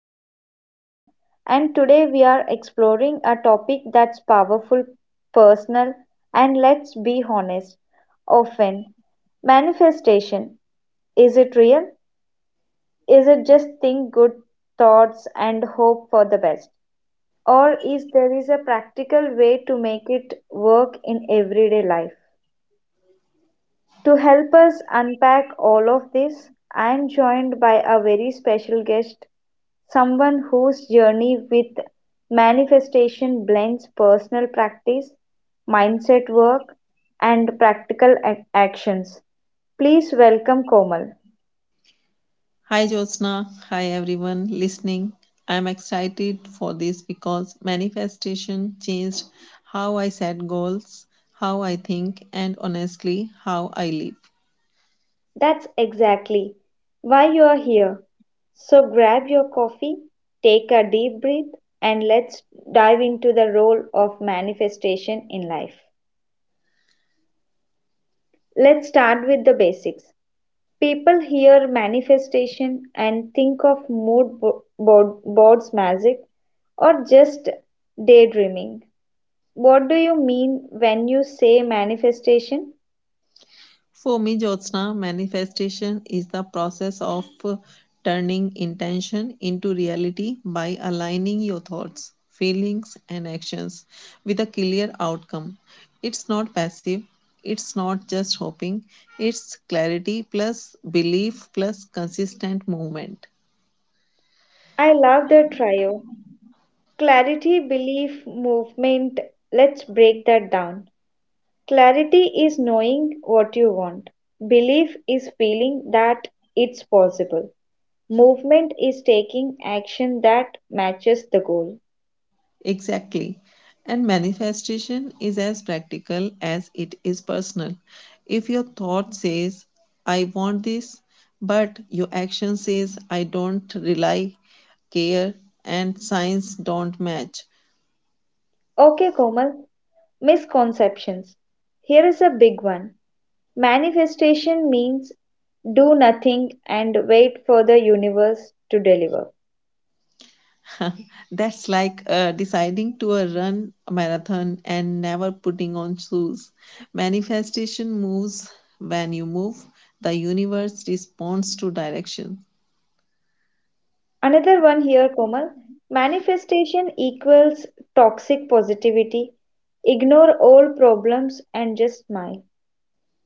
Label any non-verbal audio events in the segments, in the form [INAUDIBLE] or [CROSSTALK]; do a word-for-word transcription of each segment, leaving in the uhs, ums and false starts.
host Jyotsna, and today we are exploring a topic that's powerful, personal, and let's be honest, often manifestation. Is it real? Is it just think good thoughts and hope for the best? Or is there is a practical way to make it work in everyday life? To help us unpack all of this, I am joined by a very special guest, someone whose journey with manifestation blends personal practice, mindset work, and practical ac- actions. Please welcome Komal. Hi Jyotsna, hi everyone listening. I'm excited for this because manifestation changed how I set goals, how I think, and honestly, how I live. That's exactly why you are here. So grab your coffee, take a deep breath, and let's dive into the role of manifestation in life. Let's start with the basics. People hear manifestation and think of mood bo- board, boards magic or just daydreaming. What do you mean when you say manifestation? For me, Jyotsna, manifestation is the process of uh, turning intention into reality by aligning your thoughts, feelings, and actions with a clear outcome. It's not passive, it's not just hoping, it's clarity plus belief plus consistent movement. I love the trio. Clarity, belief, movement. Let's break that down. Clarity is knowing what you want. Belief is feeling that it's possible. Movement is taking action that matches the goal. Exactly. And manifestation is as practical as it is personal. If your thought says, I want this, but your action says, I don't rely, care, and science don't match. Okay, Komal, misconceptions. Here is a big one. Manifestation means do nothing and wait for the universe to deliver. [LAUGHS] That's like uh, deciding to uh, run a marathon and never putting on shoes. Manifestation moves when you move, the universe responds to direction. Another one here, Komal. Manifestation equals toxic positivity. Ignore all problems and just smile.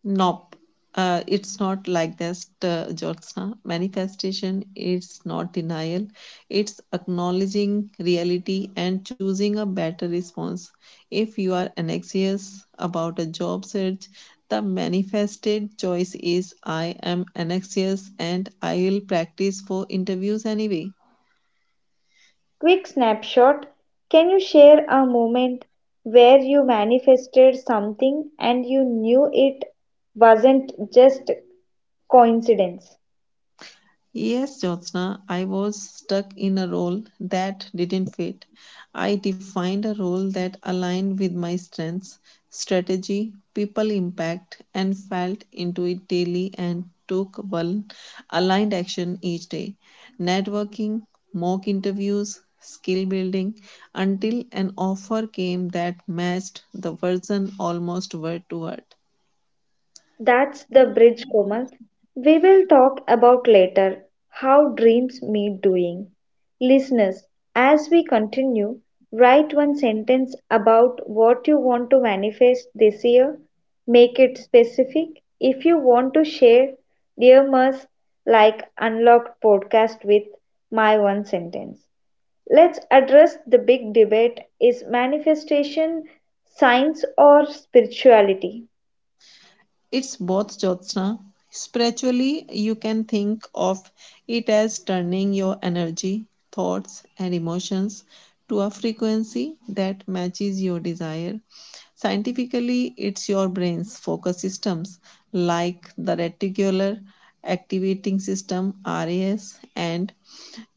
Nope. Uh, it's not like that, uh, Jyotsna. Manifestation is not denial, it's acknowledging reality and choosing a better response. If you are anxious about a job search, the manifested choice is I am anxious and I'll practice for interviews anyway. Quick snapshot. Can you share a moment where you manifested something and you knew it wasn't just coincidence? Yes, Jyotsna, I was stuck in a role that didn't fit. I defined a role that aligned with my strengths, strategy, people impact, and felt into it daily and took one aligned action each day. Networking, mock interviews, skill building, until an offer came that matched the version almost word to word. That's the bridge, Komal. We will talk about later how dreams meet doing. Listeners, as we continue, write one sentence about what you want to manifest this year. Make it specific. If you want to share, dear Murs, like Unlocked podcast with my one sentence. Let's address the big debate: is manifestation science or spirituality? It's both, Jyotsna. Spiritually, you can think of it as turning your energy, thoughts, and emotions to a frequency that matches your desire. Scientifically, it's your brain's focus systems like the reticular activating system R A S and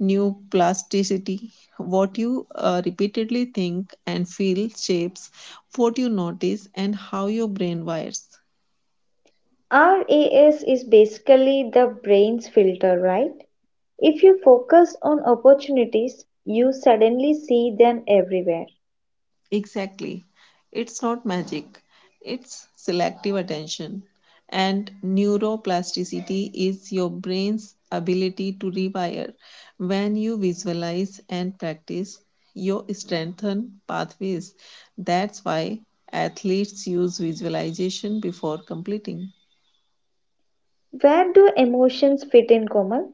neuroplasticity. What you uh, repeatedly think and feel shapes what you notice and how your brain wires. R A S is basically the brain's filter, right? If you focus on opportunities, you suddenly see them everywhere. Exactly. It's not magic, it's selective attention. And neuroplasticity is your brain's ability to rewire. When you visualize and practice, you strengthen pathways. That's why athletes use visualization before completing. Where do emotions fit in, Komal?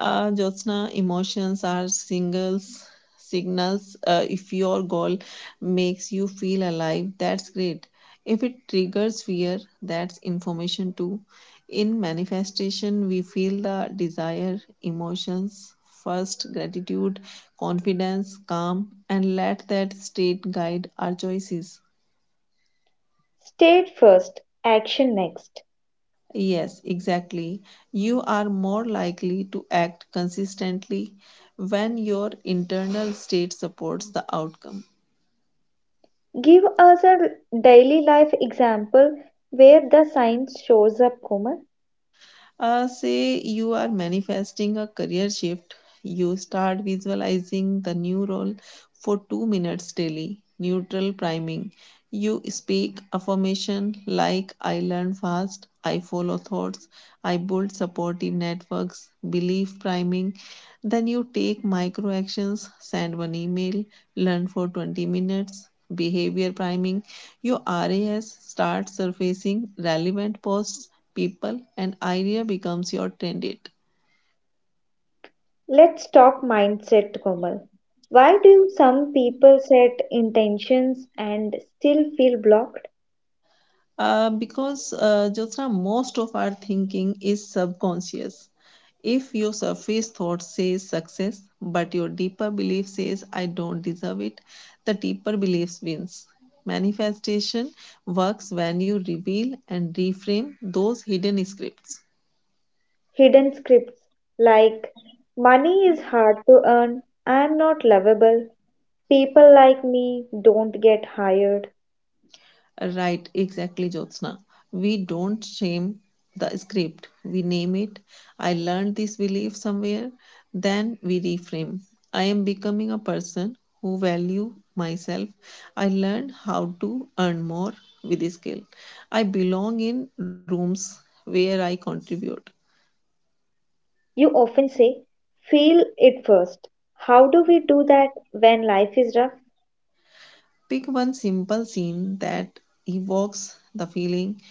uh, Jyotsna, emotions are singles signals. Uh, if your goal makes you feel alive, that's great. If it triggers fear, that's information too. In manifestation, we feel the desire, emotions, first gratitude, confidence, calm, and let that state guide our choices. State first, action next. Yes, exactly. You are more likely to act consistently when your internal state supports the outcome. Give us a daily life example where the science shows up, Komal. Uh, say you are manifesting a career shift, you start visualizing the new role for two minutes daily, neutral priming. You speak affirmation like I learn fast, I follow thoughts, I build supportive networks, belief priming. Then you take micro actions, send one email, learn for twenty minutes, behavior priming. Your R A S starts surfacing relevant posts, people, and idea becomes your trend. Date. Let's talk mindset, Komal. Why do some people set intentions and still feel blocked? Uh, because uh, Jyotsna, most of our thinking is subconscious. If your surface thought says success, but your deeper belief says I don't deserve it, the deeper belief wins. Manifestation works when you reveal and reframe those hidden scripts. Hidden scripts like money is hard to earn, I'm not lovable, people like me don't get hired. Right, exactly, Jyotsna. We don't shame the script, we name it. I learned this belief somewhere, then we reframe. I am becoming a person who value myself. I learned how to earn more with skill. I belong in rooms where I contribute. You often say, feel it first. How do we do that when life is rough? Pick one simple scene that evokes the feeling,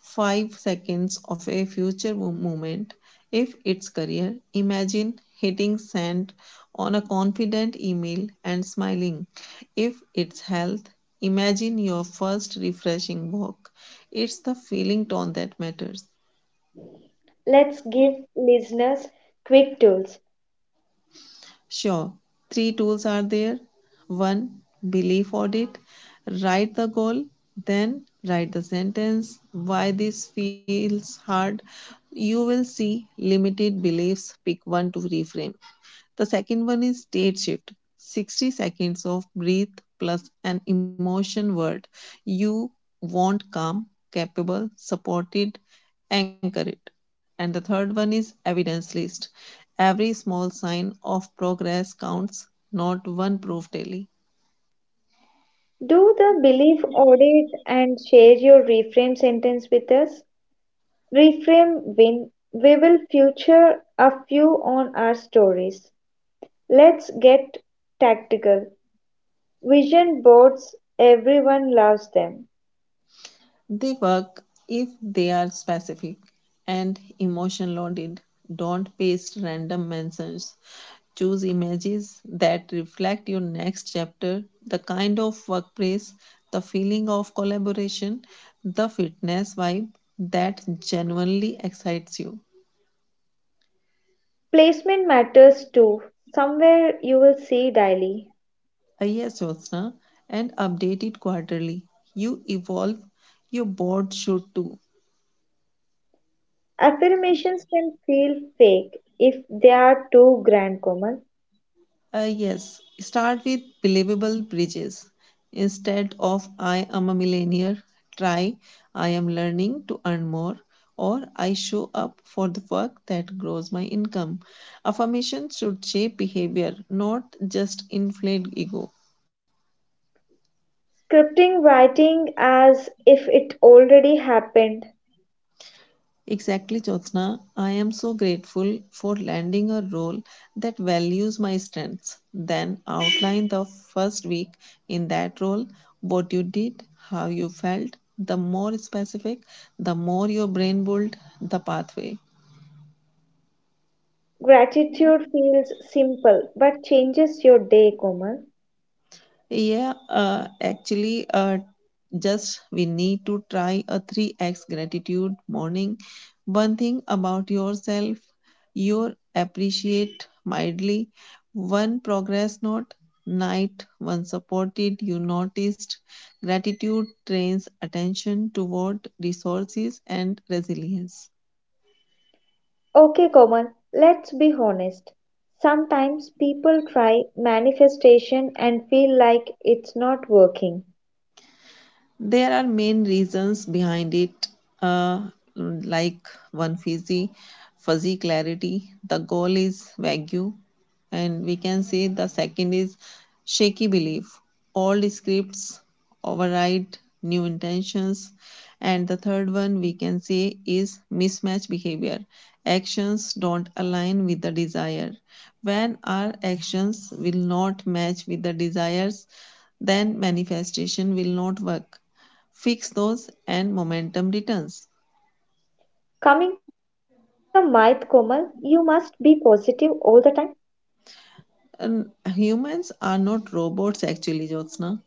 five seconds of a future mo- moment. If it's career, imagine hitting send on a confident email and smiling. If it's health, imagine your first refreshing walk. It's the feeling tone that matters. Let's give listeners quick tools. Sure, three tools are there. One, belief audit. Write the goal, then write the sentence. Why this feels hard. You will see limited beliefs. Pick one to reframe. The second one is state shift, sixty seconds of breathe plus an emotion word. You want calm, capable, supported, anchored. And the third one is evidence list. Every small sign of progress counts, not one proof daily. Do the belief audit and share your reframe sentence with us. Reframe win. We will feature a few on our stories. Let's get tactical. Vision boards, everyone loves them. They work if they are specific and emotion loaded. Don't paste random mentions. Choose images that reflect your next chapter, the kind of workplace, the feeling of collaboration, the fitness vibe that genuinely excites you. Placement matters too. Somewhere you will see daily. Uh, Yes, Yosna, and update it quarterly. You evolve, your board should too. Affirmations can feel fake if they are too grand, Komal. Uh, yes, start with believable bridges. Instead of I am a millionaire, try I am learning to earn more or I show up for the work that grows my income. Affirmation should shape behavior, not just inflate ego. Scripting, writing as if it already happened. Exactly, Jyotsna. I am so grateful for landing a role that values my strengths. Then outline the first week in that role, what you did, how you felt. The more specific, the more your brain built the pathway. Gratitude feels simple but changes your day, Komal. Yeah, uh, actually, uh, just we need to try a three x gratitude morning. One thing about yourself, you appreciate mildly. One progress note, night, one supported, you noticed. Gratitude trains attention toward resources and resilience. Okay, Komal, let's be honest. Sometimes people try manifestation and feel like it's not working. There are main reasons behind it, uh, like one fuzzy, fuzzy clarity. The goal is vague, and we can say the second is shaky belief. Old scripts override new intentions, and the third one we can say is mismatch behavior. Actions don't align with the desire. When our actions will not match with the desires, then manifestation will not work. Fix those, and momentum returns. Coming to the myth, Komal, you must be positive all the time. And humans are not robots, actually, Jyotsna.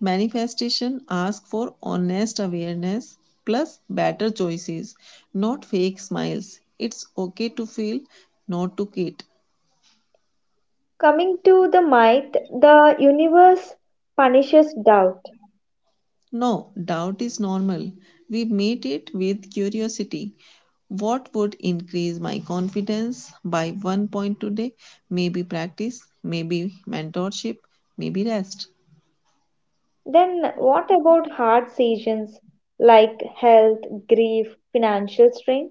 Manifestation asks for honest awareness plus better choices, not fake smiles. It's okay to feel, not to quit. Coming to the myth, the universe punishes doubt. No, doubt is normal. We meet it with curiosity. What would increase my confidence by one point today? Maybe practice, maybe mentorship, maybe rest. Then, what about hard seasons like health, grief, financial strain?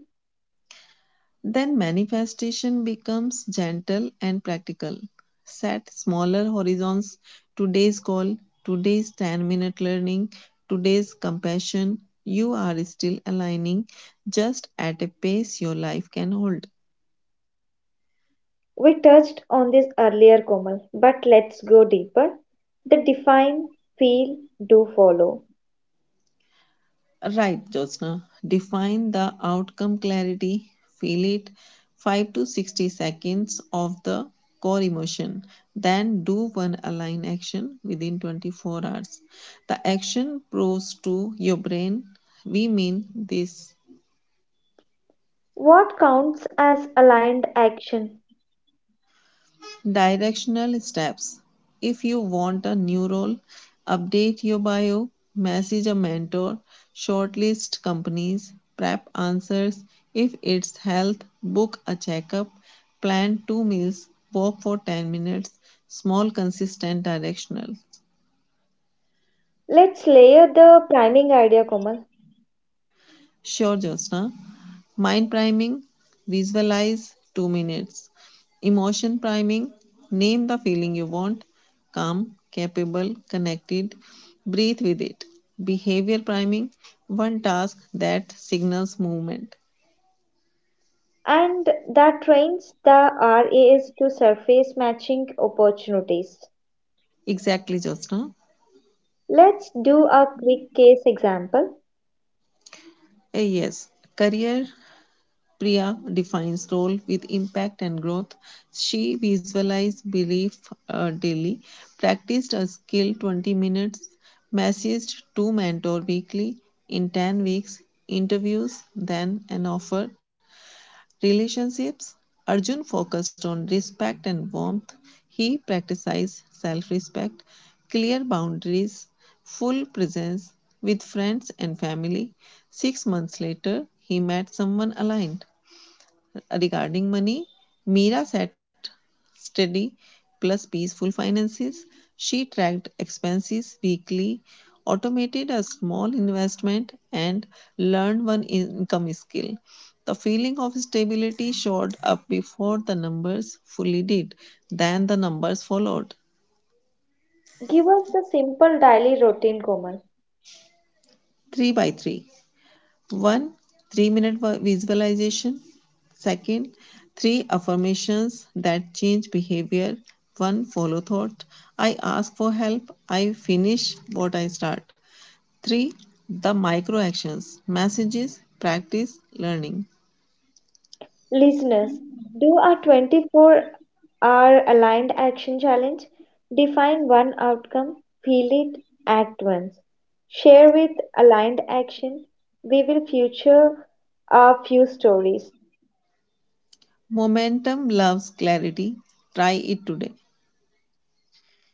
Then manifestation becomes gentle and practical. Set smaller horizons, today's goal, today's ten minute learning, today's compassion. You are still aligning just at a pace your life can hold. We touched on this earlier, Komal, but let's go deeper. The define, feel, do follow. Right, Jyotsna. Define the outcome clarity. Feel it five to sixty seconds of the core emotion. Then do one align action within twenty-four hours. The action proves to your brain we mean this. What counts as aligned action? Directional steps. If you want a new role, update your bio, message a mentor, shortlist companies, prep answers. If it's health, book a checkup, plan two meals, walk for ten minutes. Small, consistent directional. Let's layer the priming idea, Komal. Sure, Jyotsna. Mind priming, visualize two minutes. Emotion priming, name the feeling you want. Calm, capable, connected. Breathe with it. Behavior priming, one task that signals movement. And that trains the R A S to surface matching opportunities. Exactly, Jyotsna. Let's do a quick case example. A yes. Career Priya defines role with impact and growth. She visualized belief uh, daily, practiced a skill twenty minutes, messaged to mentor weekly in ten weeks, interviews, then an offer. Relationships Arjun focused on respect and warmth. He practiced self respect, clear boundaries, full presence with friends and family. Six months later, he met someone aligned. Regarding money, Mira set steady plus peaceful finances. She tracked expenses weekly, automated a small investment, and learned one income skill. The feeling of stability showed up before the numbers fully did, then the numbers followed. Give us the simple daily routine, Komal. three by three. One, three minute visualization. Second, three affirmations that change behavior. One, follow thought. I ask for help. I finish what I start. Three, the micro actions, messages, practice, learning. Listeners, do a twenty-four hour aligned action challenge. Define one outcome, feel it, act once. Share with aligned action. We will feature a few stories. Momentum loves clarity. Try it today.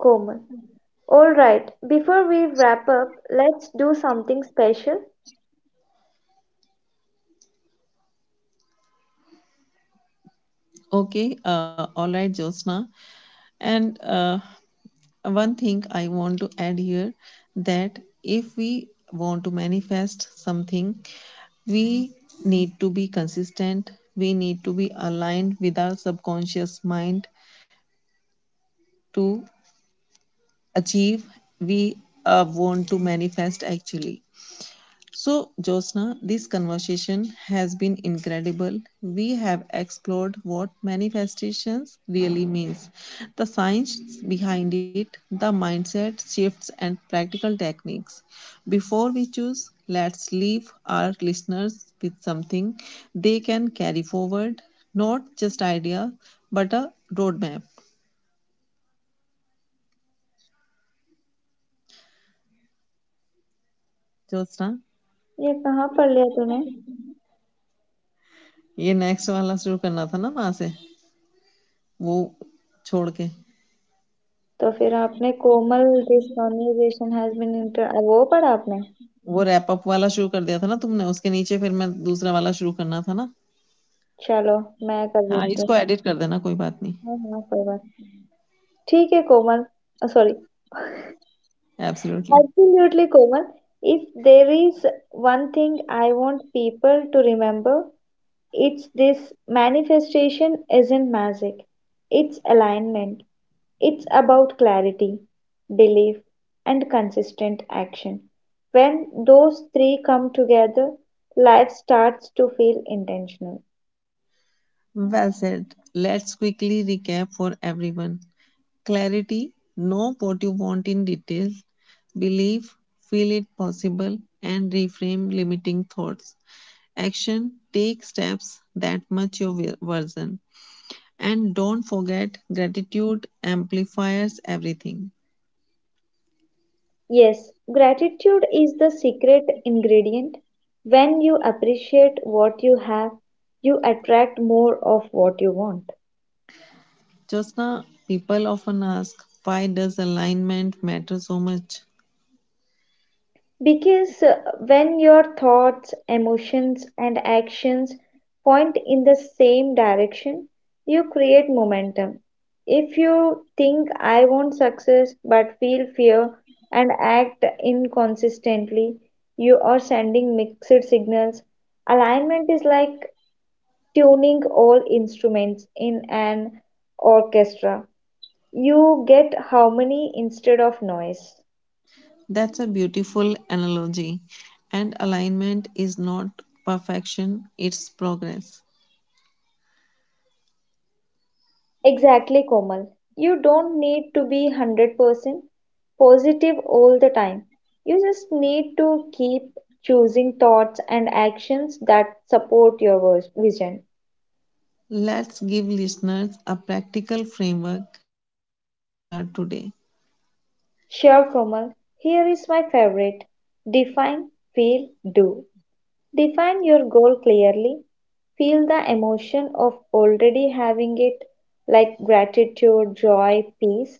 Komal. Alright before we wrap up let's do something special. Okay, uh, all right, Jyotsna, and uh, one thing I want to add here that if we want to manifest something we need to be consistent we need to be aligned with our subconscious mind to achieve we uh, want to manifest actually. So, Josna, this conversation has been incredible. We have explored what manifestations really means, the science behind it, the mindset shifts and practical techniques. Before we choose, let's leave our listeners with something they can carry forward, not just idea, but a roadmap. Josna, ये कहाँ पढ़ लिया तूने? ये next वाला शुरू करना था ना वहां से वो छोड़ के तो फिर आपने Komal this conversation has been inter वो पढ़ा आपने. वो रैप अप वाला शुरू कर दिया था ना तुमने, उसके नीचे फिर मैं दूसरा वाला शुरू करना था ना। चलो मैं कर हाँ, देती हूँ. इसको एडिट कर देना, कोई बात नहीं। हाँ हाँ कोई बात. ठीक है Komal. Sorry. Absolutely. Absolutely Komal, if there is one thing I want people to remember, it's this: manifestation isn't magic, it's alignment. It's about clarity, belief, and consistent action. When those three come together, life starts to feel intentional. Well said. Let's quickly recap for everyone. Clarity, know what you want in detail, believe, feel it possible and reframe limiting thoughts. Action, take steps that match your version. And don't forget, gratitude amplifies everything. Yes, gratitude is the secret ingredient. When you appreciate what you have, you attract more of what you want. Jyotsna, people often ask, why does alignment matter so much? Because uh, when your thoughts, emotions, and actions point in the same direction, you create momentum. If you think I want success but feel fear and act inconsistently, you are sending mixed signals. Alignment is like tuning all instruments in an orchestra. You get harmony instead of noise. That's a beautiful analogy. And alignment is not perfection, it's progress. Exactly, Komal. You don't need to be one hundred percent positive all the time. You just need to keep choosing thoughts and actions that support your vis- vision. Let's give listeners a practical framework, then they can start today. Sure, Komal. Here is my favorite: define, feel, do. Define your goal clearly. Feel the emotion of already having it, like gratitude, joy, peace.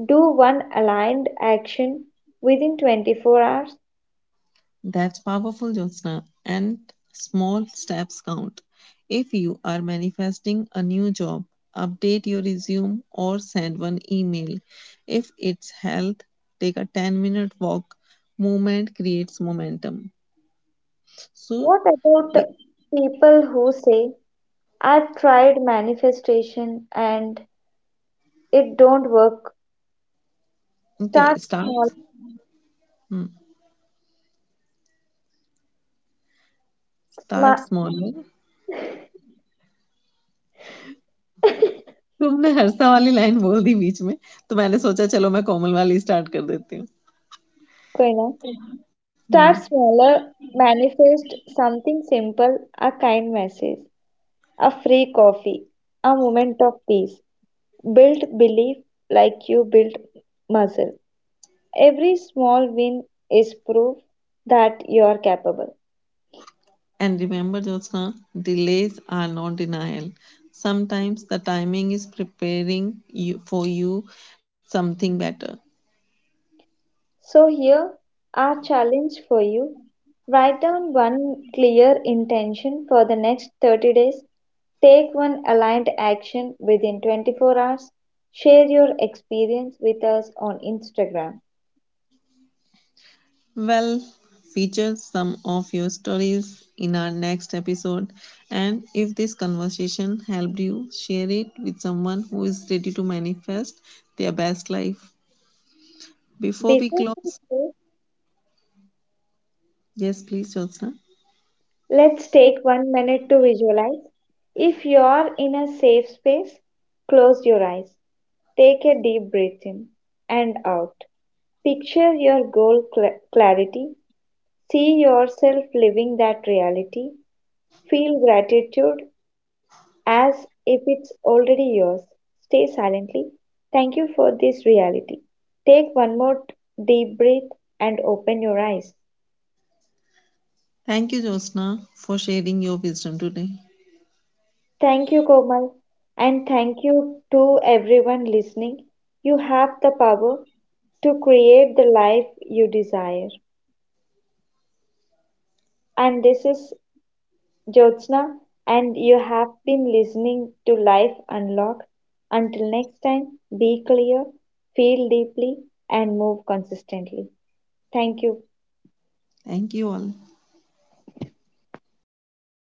Do one aligned action within twenty-four hours. That's powerful, Jyotsna. And small steps count. If you are manifesting a new job, update your resume or send one email. If it's health, take a ten minute walk. Movement creates momentum. So, What about uh- people who say, I've tried manifestation and it don't work? okay, Start start. small, Hmm, start sma- smaller. [LAUGHS] तुमने हर्षा वाली line बोल दी बीच में तो मैंने सोचा चलो मैं कोमल वाली स्टार्ट कर देती हूँ कोई ना. हम्म। Start smaller, manifest something simple, a kind message, a free coffee, a moment of peace. Build belief like you build muscle. Every small win is proof that you are capable. And remember, Jyotsna, delays are not denial. Sometimes the timing is preparing you, for you something better. So here our challenge for you. Write down one clear intention for the next thirty days. Take one aligned action within twenty-four hours. Share your experience with us on Instagram. Well, feature some of your stories in our next episode. And if this conversation helped you, share it with someone who is ready to manifest their best life. Before we Before we close, go, yes, please, Jyotsna. let's take one minute to visualize. If you are in a safe space, close your eyes. Take a deep breath in and out. Picture your goal, cl- clarity. See yourself living that reality. Feel gratitude as if it's already yours. Stay silently. Thank you for this reality. Take one more t- deep breath and open your eyes. Thank you, Jyotsna, for sharing your wisdom today. Thank you, Komal. And thank you to everyone listening. You have the power to create the life you desire. And this is Jyotsna, and you have been listening to Life Unlocked. Until next time, be clear, feel deeply, and move consistently. Thank you. Thank you all.